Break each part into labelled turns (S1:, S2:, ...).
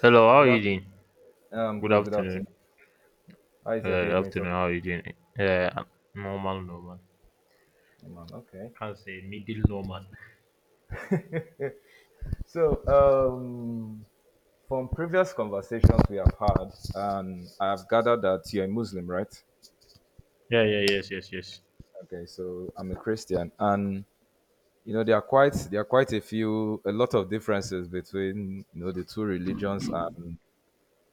S1: Hello, how are
S2: Good
S1: you doing?
S2: afternoon.
S1: Good
S2: Good
S1: afternoon.
S2: afternoon. How is your day going so
S1: Afternoon,
S2: far?
S1: how are you doing? I'm normal.
S2: Oh, man,
S1: I can't say middle normal.
S2: okay. So, um, from previous conversations we have had, and I have gathered that you're a Muslim, right?
S1: Yeah, yes, yes, yes.
S2: Okay. So I'm a Christian, and you know there are quite a few a lot of differences between you know the two religions and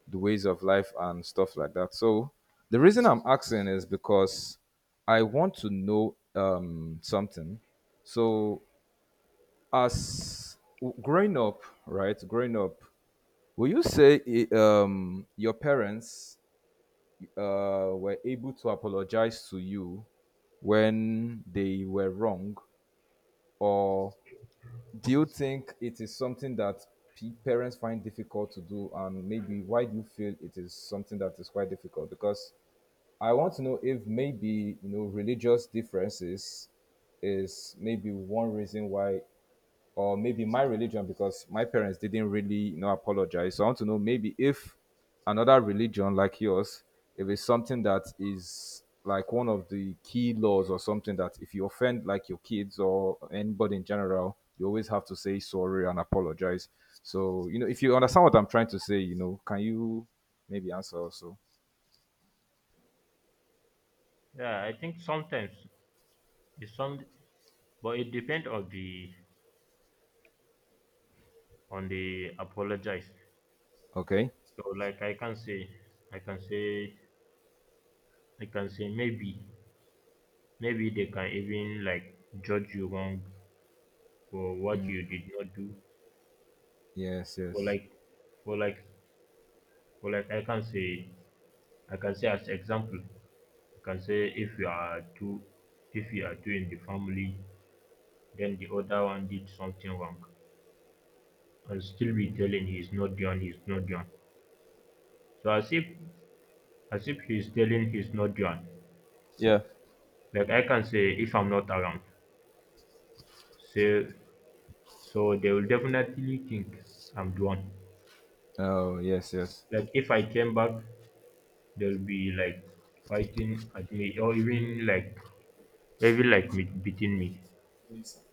S2: the ways of life and stuff like that. So the reason I'm asking is because I want to know something. So growing up, right? Growing up, will you say your parents were able to apologize to you when they were wrong, or do you think it is something that parents find difficult to do, and maybe why do you feel it is something that is quite difficult? Because I want to know if maybe you know religious differences is maybe one reason why or maybe my religion because my parents didn't really you know apologize, so I want to know maybe if another religion like yours, if it's something that is like one of the key laws or something that if you offend like your kids or anybody in general, you always have to say sorry and apologize. So you know if you understand what I'm trying to say, you know, can you maybe answer also?
S1: Yeah, I think sometimes it's some, but it depends on the apologize.
S2: Okay,
S1: So I can say, I can say maybe they can even like judge you wrong for what you did not do
S2: yes,
S1: for
S2: yes,
S1: like for like for like I can say as example can say if you are two in the family, then the other one did something wrong and still be telling he's not done. He's not done. So as if he's telling he's not done.
S2: yeah,
S1: Like I can say if I'm not around. Say so they will definitely think I'm done.
S2: oh yes, yes,
S1: Like if I came back, they'll be like fighting at me or even like me beating me.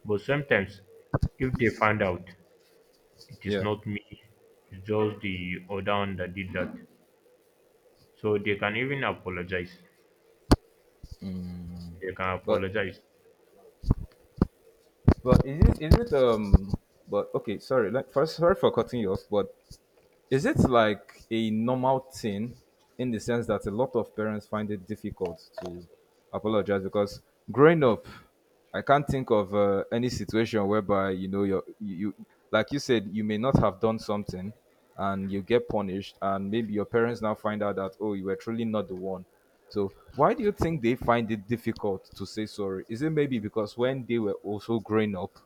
S1: But sometimes if they find out it is
S2: yeah.
S1: not me, it's just the other one that did that. So they can even apologize. They can
S2: but
S1: apologize.
S2: But is it But okay, sorry. Like first, sorry for cutting you off. But is it like a normal thing in the sense that a lot of parents find it difficult to apologize? Because growing up, I can't think of any situation whereby you know you like you said you may not have done something and you get punished, and maybe your parents now find out that oh, you were truly not the one. So why do you think they find it difficult to say sorry? Is it maybe because when they were also growing up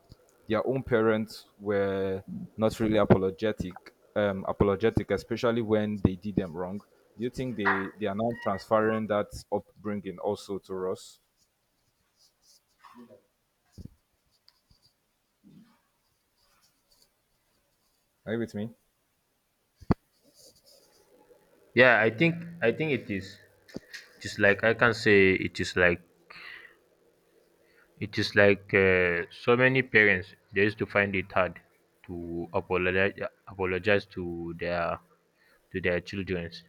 S2: their own parents were not really apologetic, especially when they did them wrong. Do you think they are now transferring that upbringing also to us? Are you with me?
S1: Yeah, I think it is like I can say it is like it is like so many parents, they used to find it hard to apologize apologize to their their childrens.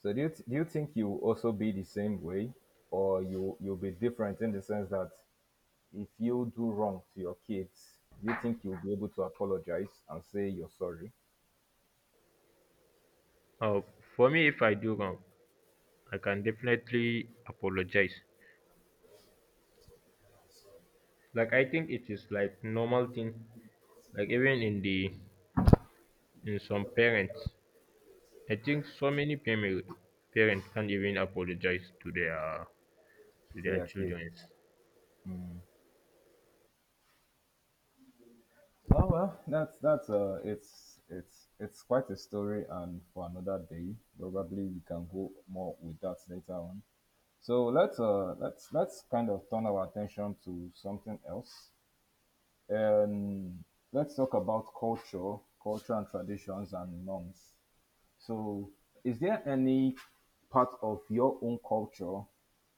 S2: So do do you think you will also be the same way, or you'll be different in the sense that if you do wrong to your kids, do you think you'll be able to apologize and say you're sorry
S1: Uh, for me, if I do wrong, I can definitely apologize. Like I think it is like normal thing. Like even in some parents, I think so many family parents can't even apologize to
S2: to
S1: their
S2: their kids?
S1: children.
S2: Oh well, that's it's quite a story, and for another day, probably we can go more with that later on. So let's kind of turn our attention to something else, and let's talk about culture, culture and traditions and norms. So, is there any part of your own culture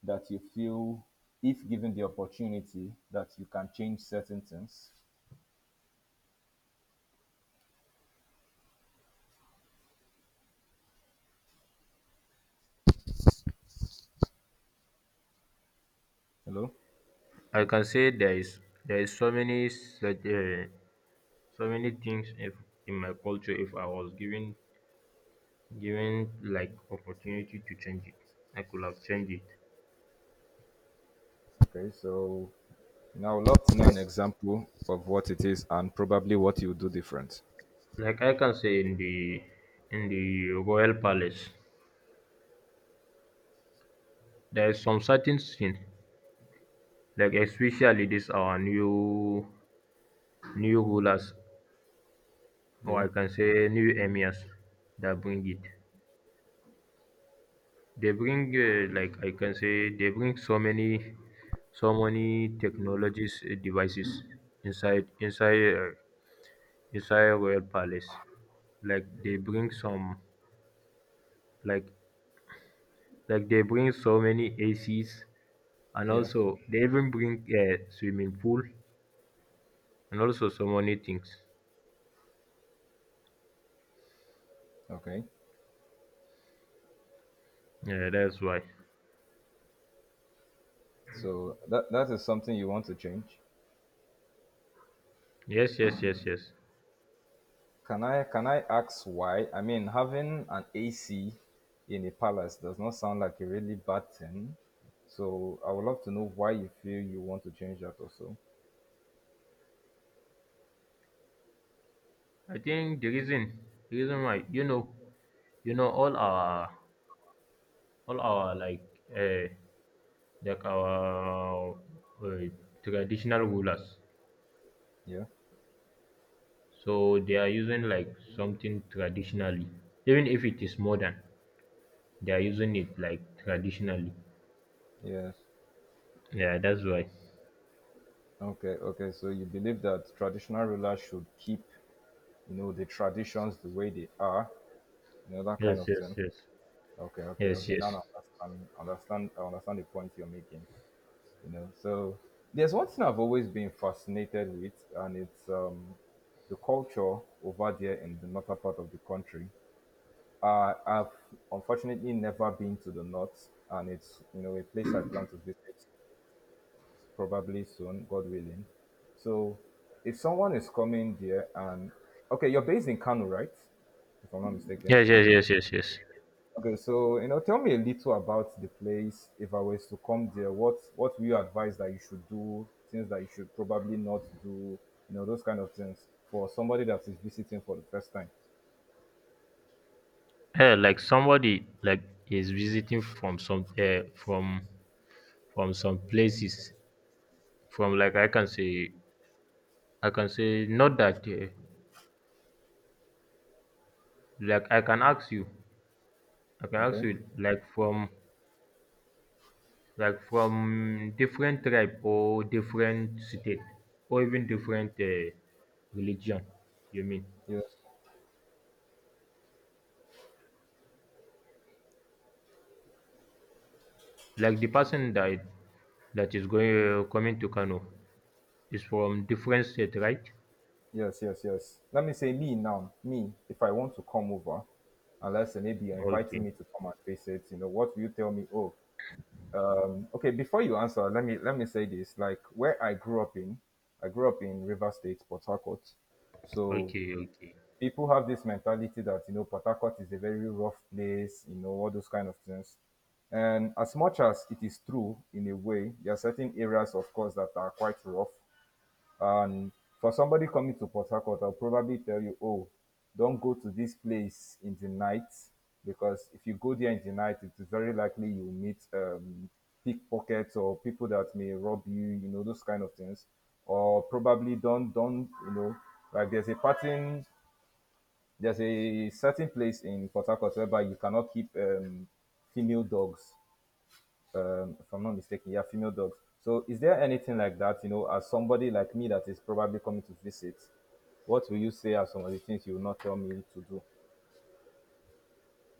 S2: that you feel, if given the opportunity, that you can change certain things? Hello.
S1: I can say there is so many such so many things, if in my culture, if I was given like opportunity to change it, I could have changed it.
S2: Okay, so. And I would love to know an
S1: Like
S2: example of what it is and probably what you do different.
S1: like I can say in the royal palace, there is some certain things, like especially this our new rulers, or
S2: Yeah.
S1: I can say new emirs, that bring it. They bring like I can say they bring so many technologies, devices inside royal palace. Like they bring some, like like they bring so many ACs, and
S2: Yeah.
S1: also they even bring a swimming pool and also so many things.
S2: Okay.
S1: Yeah, that's why.
S2: So that that is something you want to change.
S1: Yes, yes, yes, yes.
S2: Can I ask why? I mean, having an AC in a palace does not sound like a really bad thing. So I would love to know why you feel you want to change that also.
S1: I think the reason why you know all our all our like uh, like our uh, traditional rulers.
S2: Yeah.
S1: So they are using like something traditionally, even if it is modern, they are using it like traditionally.
S2: Yes.
S1: Yeah, that's why.
S2: Okay. Okay. So you believe that traditional rulers should keep, you know, the traditions the way they are, you know, that kind
S1: Yes,
S2: of
S1: yes,
S2: thing.
S1: yes,
S2: Okay, okay,
S1: yes,
S2: okay. Now
S1: yes,
S2: I I understand the point you're making. You know, so there's one thing I've always been fascinated with, and it's the culture over there in the northern part of the country. I've unfortunately never been to the north, and it's you know a place I plan to visit probably soon, God willing. So if someone is coming there, and okay, you're based in Kano, right? If I'm not mistaken.
S1: yes, yes, yes, yes, yes.
S2: Okay, so you know, tell me a little about the place. If I was to come there, what will you advise that you should do? Things that you should probably not do. You know, those kind of things for somebody that is visiting for the first time.
S1: Yeah, like somebody like is visiting from some places, from like I can say not that like I can ask you I can ask
S2: Okay.
S1: you like from from different tribe or different state or even different religion, you mean,
S2: Yes.
S1: like the person that is going coming to Kano is from different state, right?
S2: Yes. Yes. Yes. Let me say me now. Me, if I want to come over, unless maybe you're inviting
S1: Okay,
S2: me to come and visit, you know, what will you tell me? Oh, okay. Before you answer, let me say this. Like where I grew up in, I grew up in River State, Port Harcourt. So
S1: okay, okay.
S2: people have this mentality that you know Port Harcourt is a very rough place, you know, all those kind of things. And as much as it is true in a way, there are certain areas, of course, that are quite rough. And for somebody coming to Port Harcourt, I'll probably tell you, oh, don't go to this place in the night, because if you go there in the night, it is very likely you will meet pickpockets or people that may rob you, you know, those kind of things. Or probably don't you know, like there's a pattern, there's a certain place in Port Harcourt whereby you cannot keep female dogs, if I'm not mistaken. Yeah, female dogs. So, is there anything like that? You know, as somebody like me that is probably coming to visit, what will you say are some of the things you will not tell me to do?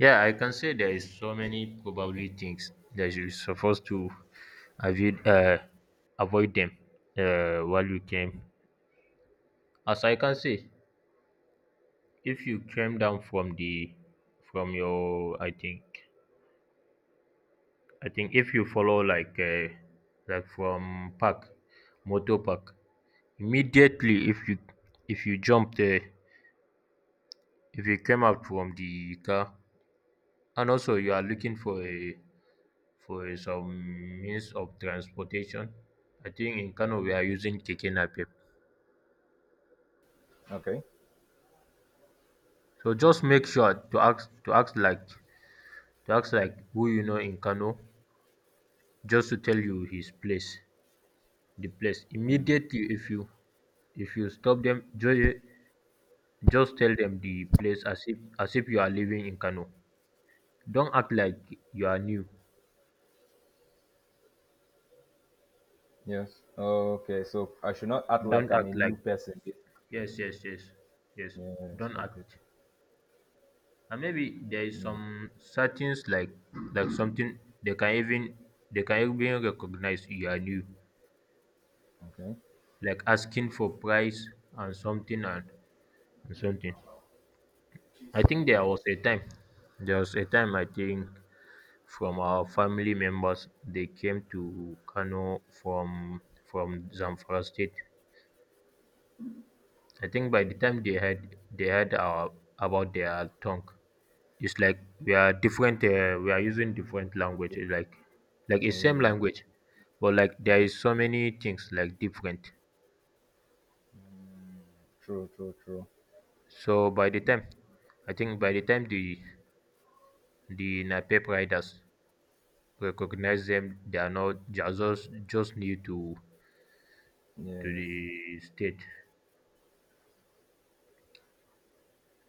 S1: Yeah, I can say there is so many probably things that you're supposed to avoid, avoid them while you came. As I can say, if you came down from the from your I think I think if you follow like like from park, motor park, immediately if you jump there, if you came out from the car, and also you are looking for some means of transportation, I think in Kano we are using keke napep.
S2: Okay.
S1: So just make sure to ask like who you know in Kano, just to tell you the place. Immediately if you stop them, just tell them the place as if you are living in Kano. Don't act like you are new.
S2: Yes. Okay. So I should not act
S1: Don't
S2: like I'm a
S1: act like,
S2: new person.
S1: yes, yes, yes, yes.
S2: Yes.
S1: Don't
S2: Okay.
S1: act. And maybe there is
S2: Mm.
S1: some certain like something they can even recognize you are new,
S2: Okay.
S1: like asking for price and something and something. I think there was a time, I think, from our family members, they came to Kano from Zamfara state. I think by the time they had our, about their tongue, it's like we are different. We are using different language. It's like it's same
S2: Oh.
S1: language, but like there
S2: Okay.
S1: is so many things like different.
S2: True. True. True.
S1: So by the time, I think by the time the Napep riders recognize them, they are not, they are just new to
S2: Yes.
S1: the state.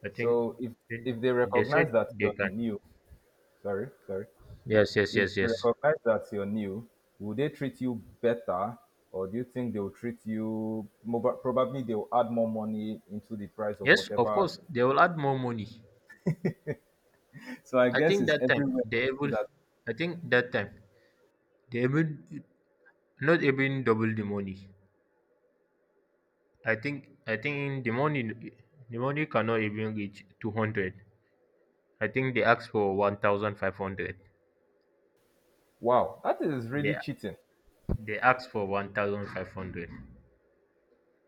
S1: I think
S2: So
S1: they
S2: if they
S1: they said
S2: recognize that
S1: they
S2: you're
S1: can.
S2: new, sorry, sorry.
S1: Yes, yes,
S2: If
S1: yes,
S2: they
S1: yes.
S2: recognize that you're new, will they treat you better, or do you think they'll treat you more? But probably they'll add more money into the price of
S1: Yes, of
S2: whatever?
S1: course, they will add more money.
S2: So I
S1: I
S2: guess
S1: think
S2: it's everywhere that do that.
S1: that time they will not even double the money. I think the money cannot even reach 200. I think they asked for 1,500.
S2: Wow, that is
S1: They
S2: really cheating.
S1: they asked for 1,500.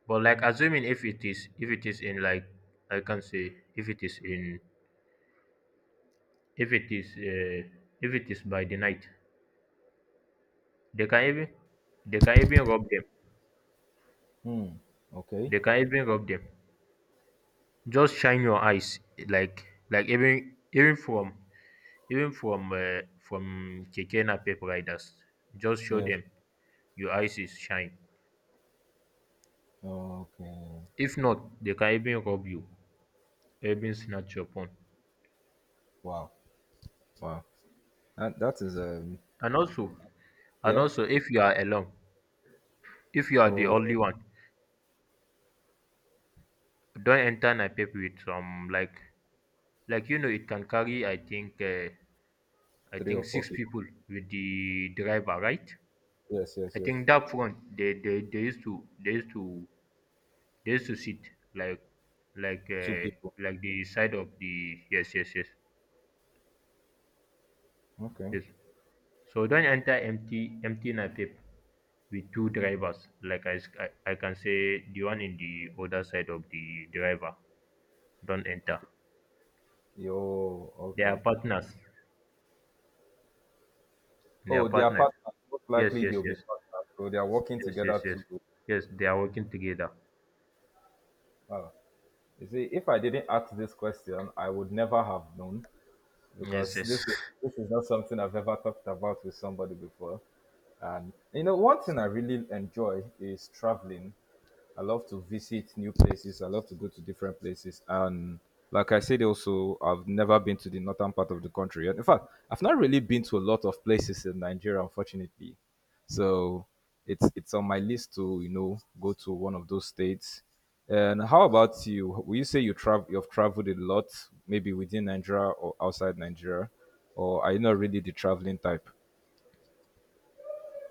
S1: But like assuming if it is in like, I can say if it is in, if it is uh, if it is by the night, they can even rob them.
S2: Hmm. Okay.
S1: They can even rob them. Just shine your eyes like even from even from um from keke napep riders, just show
S2: Yes.
S1: them your eyes is shine,
S2: Okay.
S1: if not they can even rob you, even snatch your phone.
S2: Wow. Wow. And that is um,
S1: And also,
S2: yeah.
S1: if you are alone, if you are the only
S2: Oh,
S1: one, don't enter napep with some, like you know, it can carry I think
S2: three or four
S1: six
S2: people.
S1: people with the driver, right?
S2: Yes. Yes.
S1: I
S2: Yes.
S1: think that front they used to they used to, they used to sit like, like
S2: Two
S1: uh,
S2: people.
S1: like the side of the, yes yes yes
S2: Okay.
S1: yes. So don't enter empty napep with two drivers. I can say the one in the other side of the driver. Don't enter.
S2: Okay. Yo.
S1: They are
S2: Okay.
S1: partners. They are
S2: Oh, they are
S1: partners.
S2: partners. Most
S1: Yes
S2: likely
S1: yes
S2: they'll be
S1: yes
S2: partners. So they are working
S1: yes yes
S2: together
S1: yes
S2: to
S1: yes. They are working together.
S2: wow. You see, if I didn't ask this question, I would never have known,
S1: Yes
S2: because
S1: yes.
S2: this is not something I've ever talked about with somebody before. And you know, one thing I really enjoy is traveling. I love to visit new places. I love to go to different places. And like I said, also, I've never been to the northern part of the country. And in fact, I've not really been to a lot of places in Nigeria, unfortunately. So it's on my list to you know go to one of those states. And how about you? Will you say you travel you've traveled a lot, maybe within Nigeria or outside Nigeria, or are you not really the traveling type?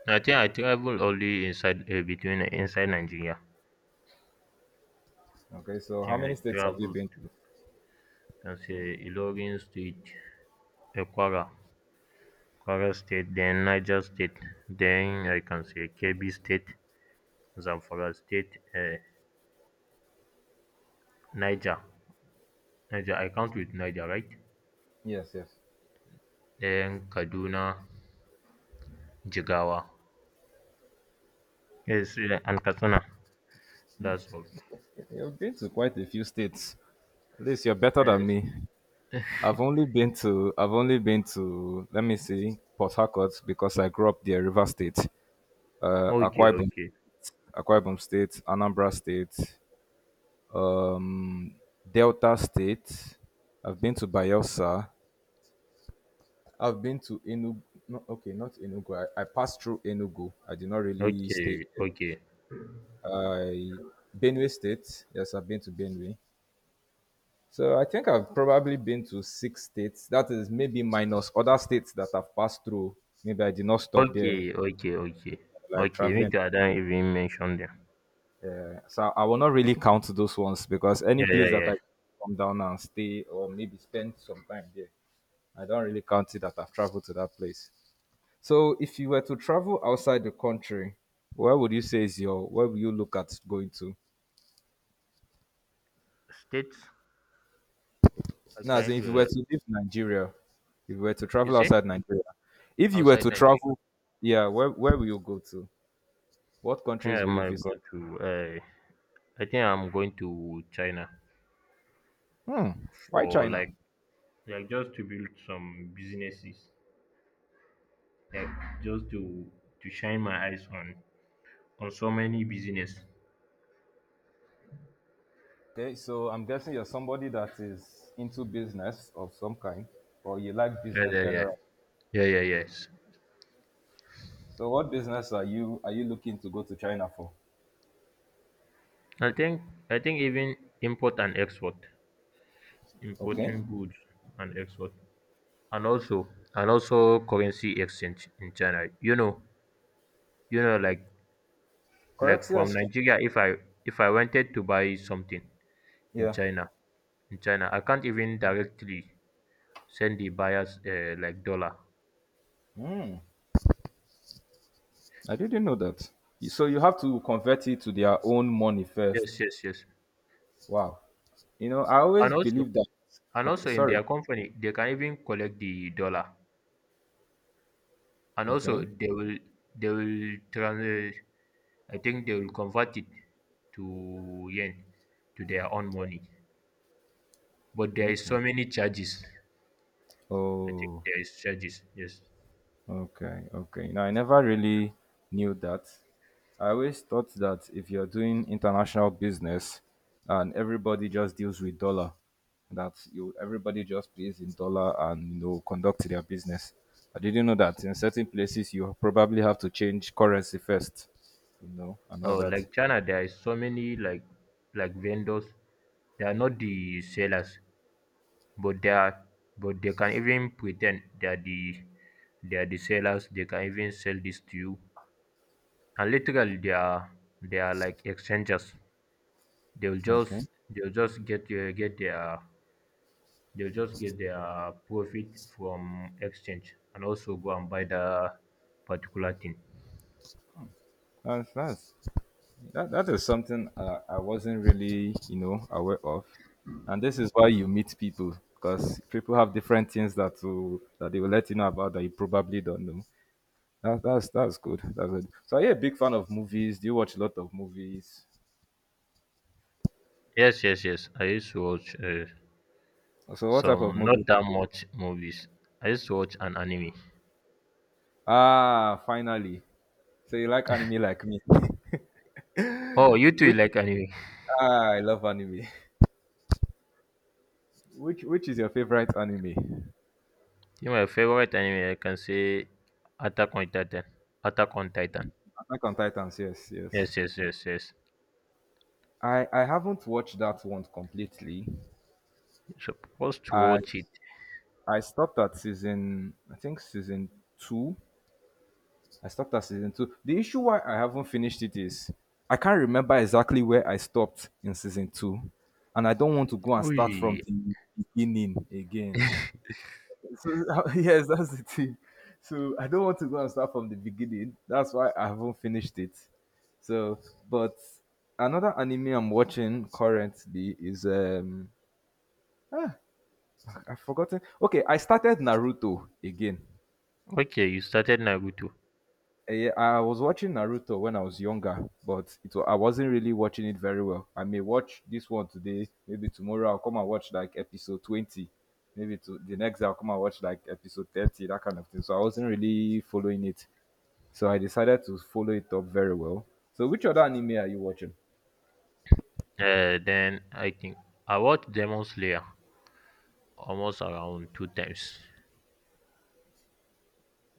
S1: I think I travel only inside, between, inside Nigeria.
S2: Okay,
S1: I
S2: so how
S1: think I
S2: many states have you
S1: travel
S2: been?
S1: to, can say, Ilorin Street. A Kwara, Kwara State, then Niger State, then I can say Kebbi State, Zamfara State, Niger. Niger, I count with Niger, right?
S2: Yes, yes.
S1: Then Kaduna, Jigawa. Yes, and Katsina. That's all.
S2: You've been to quite a few states. At least you're better than
S1: Yes.
S2: me. I've only been to let me see, Port Harcourt because I grew up there, River State, uh,
S1: Okay,
S2: Akwa Ibom,
S1: okay,
S2: Akwa Ibom State, Anambra State, um, Delta State. I've been to Bayelsa. I've been to Enugu. No, okay, not Enugu. I passed through Enugu. I did not really stay
S1: okay,
S2: there.
S1: okay,
S2: I Benue State. Yes, I've been to Benue. So I think I've probably been to six states. That is maybe minus other states that I've passed through. Maybe I did not stop there,
S1: okay, okay, okay,
S2: like
S1: okay. Me
S2: traveling.
S1: too. I don't even mention them.
S2: So I will not really count those ones because any
S1: Yeah, yeah,
S2: place that
S1: yeah.
S2: I come down and stay or maybe spend some time there, I don't really count it that I've traveled to that place. So if you were to travel outside the country, where would you say is your, where would you look at going to?
S1: States,
S2: Now,
S1: okay,
S2: so if you were
S1: everywhere.
S2: to leave Nigeria, if you were to
S1: You
S2: travel
S1: say
S2: outside Nigeria, if you were
S1: outside
S2: to
S1: Nigeria.
S2: travel, yeah, where will you go to? What
S1: I think
S2: countries
S1: I
S2: will you
S1: might go
S2: visit?
S1: to I'm going to China
S2: Hmm. Why
S1: for
S2: China?
S1: like, just to build some businesses, like just to shine my eyes on so many business.
S2: Okay, so I'm guessing you're somebody that is into business of some kind, or you like
S1: Yeah,
S2: business
S1: yeah, yeah,
S2: generally.
S1: yeah, yeah, yes.
S2: So, what business are you looking to go to China for?
S1: I think I think even import and export,
S2: Okay,
S1: importing goods and export, and also currency exchange in China. You know, you know, like
S2: currency
S1: from
S2: exchange.
S1: Nigeria, if I wanted to buy something in
S2: Yeah.
S1: China, I can't even directly send the buyers like dollar.
S2: I didn't know that. So you have to convert it to their own money first.
S1: Yes, yes, yes.
S2: Wow. You know, I
S1: And
S2: always
S1: also,
S2: believe that. Okay,
S1: in
S2: sorry.
S1: their company, they can even collect the dollar. And also,
S2: Okay.
S1: they will, trans, I think they will convert it to yen, to their own money. But there is
S2: Okay.
S1: so many charges. I think
S2: Oh.
S1: there is charges. Yes.
S2: Okay, okay. Now, I never really knew that. I always thought that if you're doing international business and everybody just deals with dollar, that you everybody just pays in dollar and you know conduct their business. I didn't know that in certain places you probably have to change currency first, you know, and all
S1: Oh,
S2: that.
S1: like China, there is so many like, vendors. They are not the sellers, but they are, but they can even pretend they are the, sellers, they can even sell this to you, and literally they are, like exchangers. They'll
S2: Okay,
S1: just, they'll just get their they'll just get their profit from exchange, and also go and buy the particular thing.
S2: that's that is something I wasn't really, you know, aware of. And this is why you meet people, because people have different things that they will let you know about that you probably don't know. That's good. That's good. So are you a big fan of movies? Do you watch a lot of movies?
S1: Yes, yes, yes, I used to watch
S2: So what type
S1: some,
S2: of
S1: not
S2: movies?
S1: that much movies, I used to watch an anime.
S2: Ah, finally. So you like anime like me.
S1: Oh, you too, you
S2: Which
S1: like anime.
S2: I love anime. Which is your favorite anime?
S1: Yeah, my favorite anime, I can say, Attack on Titan. Attack on Titan.
S2: Attack on Titans. Yes, yes.
S1: Yes, yes, yes, yes.
S2: I haven't watched that one completely.
S1: You're supposed to
S2: I
S1: watch it.
S2: I stopped at season, I think season two. I stopped at season two. The issue why I haven't finished it is I can't remember exactly where I stopped in season two, and I don't want to go and start from
S1: Oy.
S2: the beginning again. So yes, that's the thing. So I don't want to go and start from the beginning. That's why I haven't finished it. So, but another anime I'm watching currently is I've forgotten. Okay, I started Naruto again.
S1: Okay, you started Naruto.
S2: Yeah, I was watching Naruto when I was younger, but it I wasn't really watching it very well. I may watch this one today, maybe tomorrow I'll come and watch like episode 20. Maybe to the next day I'll come and watch like episode 30, that kind of thing. So I wasn't really following it. So I decided to follow it up very well. So which other anime are you watching?
S1: Then I think I watched Demon Slayer almost around two times.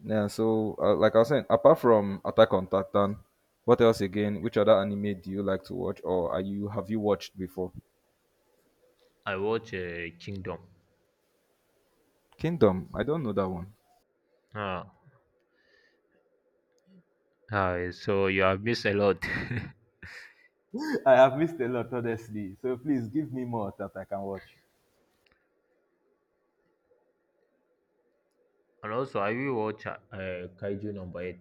S2: Yeah, so like I was saying, apart from Attack on Titan, what else again? Which other anime do you like to watch, or are you have you watched before?
S1: I watched Kingdom.
S2: Kingdom, I don't know that one.
S1: Ah, ah, so you have missed a lot.
S2: I have missed a lot, honestly. So please give me more that I can watch.
S1: And also, I will watch Kaiju number eight.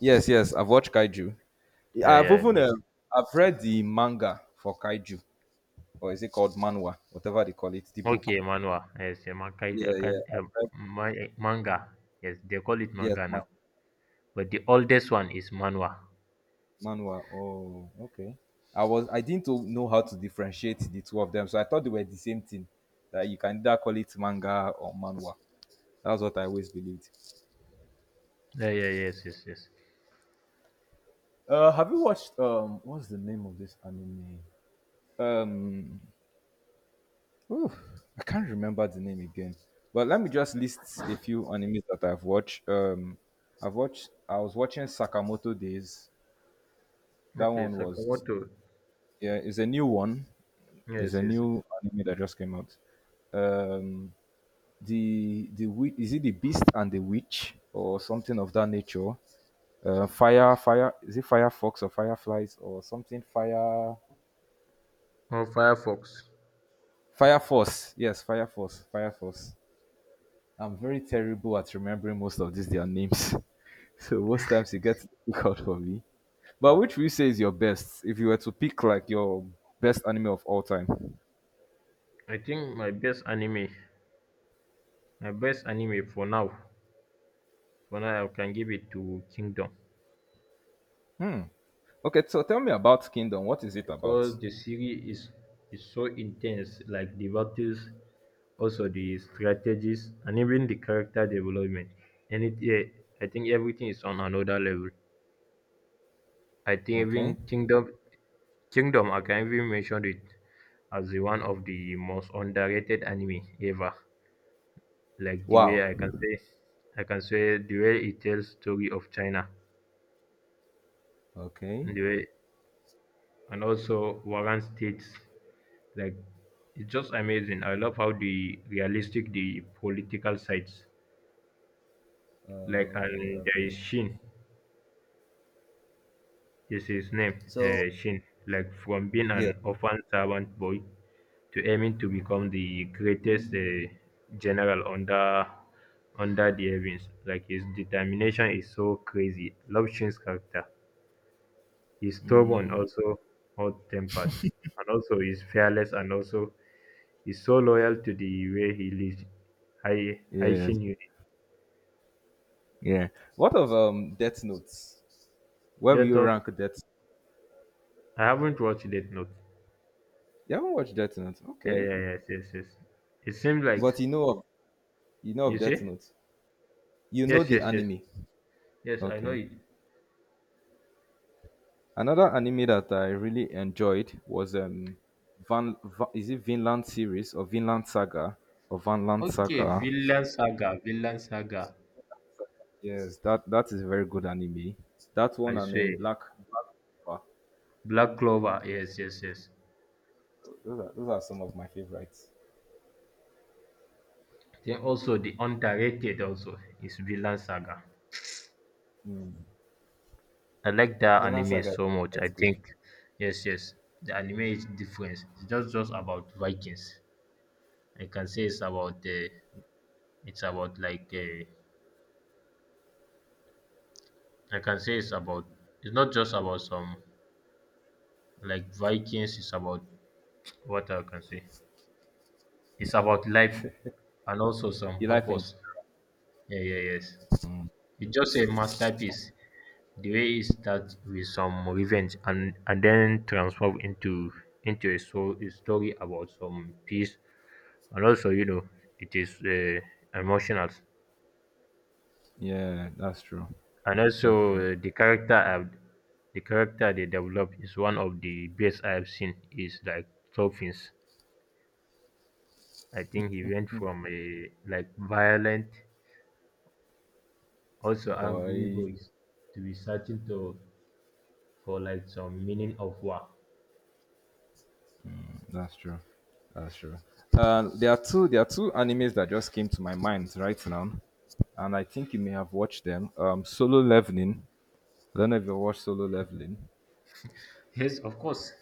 S2: Yes, yes, I've watched Kaiju.
S1: Yeah,
S2: I've
S1: yeah,
S2: even
S1: me.
S2: I've read the manga for Kaiju, or is it called manhwa? Whatever they call it, the book.
S1: Okay, manhwa. Yes, a mankai, I
S2: Yeah, yeah,
S1: can't
S2: I've read.
S1: ma- manga. Yes, they call it
S2: Yes,
S1: manga now. But the oldest one is manhwa.
S2: manhwa. Oh, okay. I didn't know how to differentiate the two of them, so I thought they were the same thing. That you can either call it manga or manhwa. That's what I always believed.
S1: Yeah, yeah, yes, yes, yes.
S2: Have you watched um? What's the name of this anime? Um, Ooh, I can't remember the name again. But let me just list a few animes that I've watched. I've watched. I was watching Sakamoto Days. That
S1: Okay,
S2: one was
S1: Sakamoto.
S2: yeah. It's a new one. It's
S1: Yes,
S2: a
S1: yes, yes.
S2: new anime that just came out. Um, the is it the Beast and the Witch, or something of that nature? Fire is it Firefox or Fireflies or something? Fire
S1: Oh, Firefox.
S2: Fire Force yes, Fire Force. I'm very terrible at remembering most of these their names. So most times it gets difficult for me. But which would you say is your best if you were to pick like your best anime of all time?
S1: I think my best anime, my best anime for now, for now I can give it to Kingdom.
S2: Hmm. Okay, so tell me about Kingdom. What is it about?
S1: Because the series is so intense, like the battles, also the strategies and even the character development, and it, yeah, I think everything is on another level. I think even
S2: Okay.
S1: Kingdom, Kingdom, I can even mention it as the one of the most underrated anime ever, like the way
S2: Wow.
S1: I can say the way it tells story of China,
S2: Okay.
S1: and the way, and also warren states. Like, it's just amazing. I love how the realistic the political sides. Like,
S2: Okay.
S1: and there is
S2: Okay.
S1: Shin, is his name,
S2: So
S1: Shin. Like, from being
S2: yeah.
S1: an orphan servant boy, to aiming to become the greatest general under the heavens. Like, his determination is so crazy. Love Shin's character. He's stubborn, also hot tempered, and also he's fearless, and also he's so loyal to the way he lives. I
S2: Yeah.
S1: shin you.
S2: Yeah. What of Death Notes? Where will
S1: Death
S2: you
S1: Note.
S2: rank Death?
S1: I haven't watched Death Note.
S2: You haven't watched Death Note.
S1: Yeah, yeah,
S2: Okay.
S1: yeah, yes, yes, yes. It seems like,
S2: But you know of
S1: you
S2: Death
S1: see.
S2: Note. You know
S1: Yes,
S2: the
S1: yes, yes,
S2: anime.
S1: yes. I know
S2: Okay.
S1: it.
S2: Another anime that I really enjoyed was is it Vinland series or Vinland Saga or Vanland
S1: Okay,
S2: Saga?
S1: Villain Saga, Villain Saga.
S2: Yes, that is a very good anime. That one,
S1: I
S2: and then
S1: swear,
S2: Black Clover.
S1: Black Clover. Yes, yes, yes.
S2: Those are some of my favorites.
S1: Then also the underrated also is Villain Saga.
S2: Mm.
S1: I like that
S2: Vinland
S1: anime
S2: Saga,
S1: so much. I
S2: that's good.
S1: think, yes, yes, the anime is different. It's just, about Vikings. I can say it's about the, it's about like, I can say it's about, it's not just about some, like, Vikings. It's about what I can say. It's about life and also some
S2: You like it?
S1: purpose. Yeah, yeah, yes. It's just a masterpiece. The way it starts with some revenge, and then transform into a, so, a story about some peace, and also, you know, it is emotional.
S2: Yeah, that's true.
S1: And
S2: That's
S1: also,
S2: true.
S1: the character they developed is one of the best I've seen is like Toppins. I think he went from a like violent, also angry
S2: Boy.
S1: voice, to be searching to, for like some meaning of war.
S2: That's true. That's true. There are two animes that just came to my mind right now, and I think you may have watched them. Solo Leveling. I don't know if you watched Solo Leveling.
S1: Yes, of course.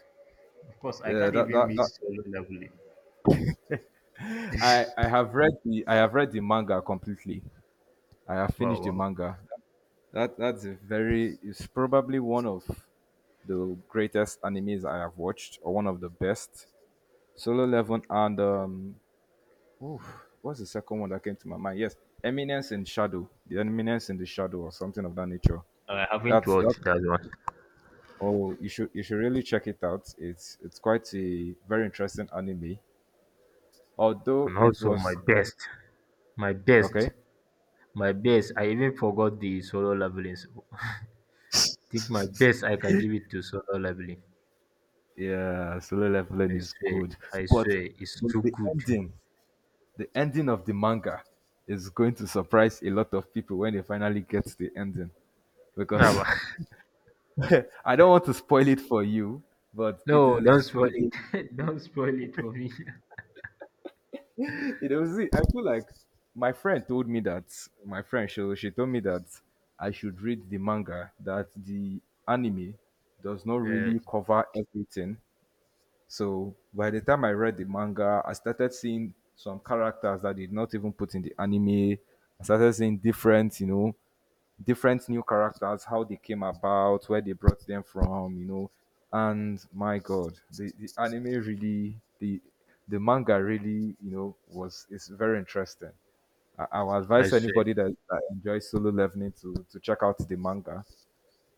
S1: Of course. I
S2: Yeah,
S1: can't
S2: that,
S1: even
S2: that,
S1: meet
S2: that.
S1: solo level.
S2: I, I have read the I have read the manga completely. I have
S1: Wow,
S2: finished the
S1: wow.
S2: manga. That's a very, it's probably one of the greatest animes I have watched, or one of the best. Solo Leveling, and oof, what's the second one that came to my mind? Yes, the Eminence in the Shadow, or something of that nature.
S1: I haven't
S2: That's that.
S1: watched that one.
S2: Oh, you should really check it out. It's quite a very interesting anime. Although
S1: And
S2: it
S1: also my
S2: was
S1: best. My best.
S2: okay,
S1: My best. I even forgot the solo levelings, think my best I can give it to Solo Leveling.
S2: yeah, solo leveling
S1: I
S2: is
S1: swear,
S2: good, but
S1: it's
S2: but
S1: too
S2: the
S1: good.
S2: ending, the ending of the manga, is going to surprise a lot of people when they finally get the ending
S1: Ah,
S2: because
S1: wa-
S2: I don't want to spoil it for you, but
S1: no, don't spoil
S2: it is
S1: it. Don't spoil it for me.
S2: you know, see, I feel like my friend told me that my friend she told me that I should read the manga, that the anime does not
S1: Uh,
S2: really cover everything. So by the time I read the manga, I started seeing some characters that did not even put in the anime. I started seeing different, you know, different new characters, how they came about, where they brought them from, you know. And my God, the manga really, you know, was is very interesting. I would
S1: I
S2: advise
S1: swear.
S2: anybody that, that enjoys solo leveling to check out the manga,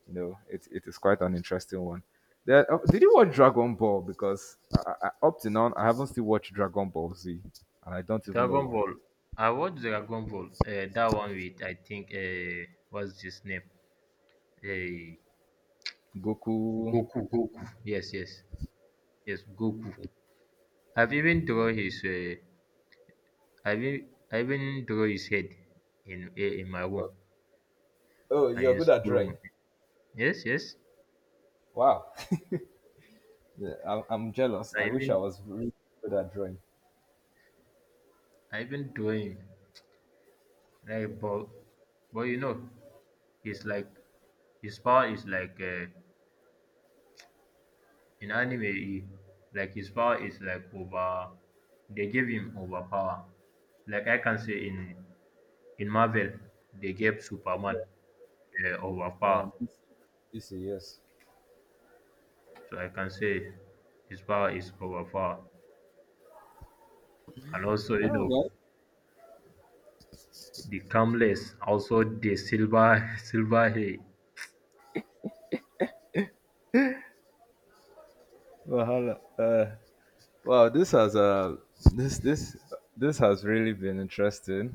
S2: you know, it is quite an interesting one. There, oh, did you watch Dragon Ball? Because up to now, I haven't still watched Dragon Ball Z, and I don't even know
S1: Dragon
S2: why.
S1: Ball. I watched Dragon Ball. That one with I think what's his name? Uh,
S2: Goku.
S1: Goku. Goku. Yes, yes, yes. Goku. I've even draw his. I even draw his head in in my room
S2: Oh,
S1: and
S2: you're
S1: in
S2: good at
S1: school room.
S2: drawing.
S1: Yes, yes.
S2: Wow. Yeah, I'm jealous.
S1: I
S2: I wish I
S1: even
S2: was really good at drawing.
S1: I even draw him. Like, but you know, it's like his power is like, in anime, he, like his power is like over. They gave him overpower. Like I can say in Marvel, they gave Superman overpower.
S2: Um, You see, yes.
S1: So I can say his power is overpower. And also, you
S2: oh,
S1: know,
S2: well,
S1: the Camless, also the silver silver hair.
S2: Well, hello. Wow, this has this this this has really been interesting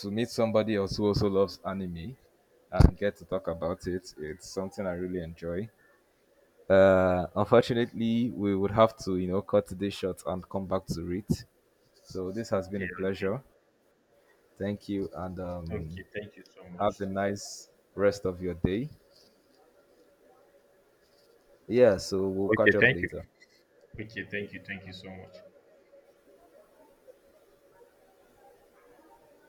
S2: to meet somebody else who also loves anime and get to talk about it. It's something I really enjoy. Unfortunately, we would have to you know cut this short and come back to it. So this has been
S1: Okay,
S2: a
S1: okay,
S2: pleasure. Thank you, and
S1: okay. Thank you so
S2: have
S1: much.
S2: a nice rest of your day. Yeah, so we'll
S1: Okay,
S2: catch up
S1: thank you.
S2: later.
S1: Okay, thank you so much.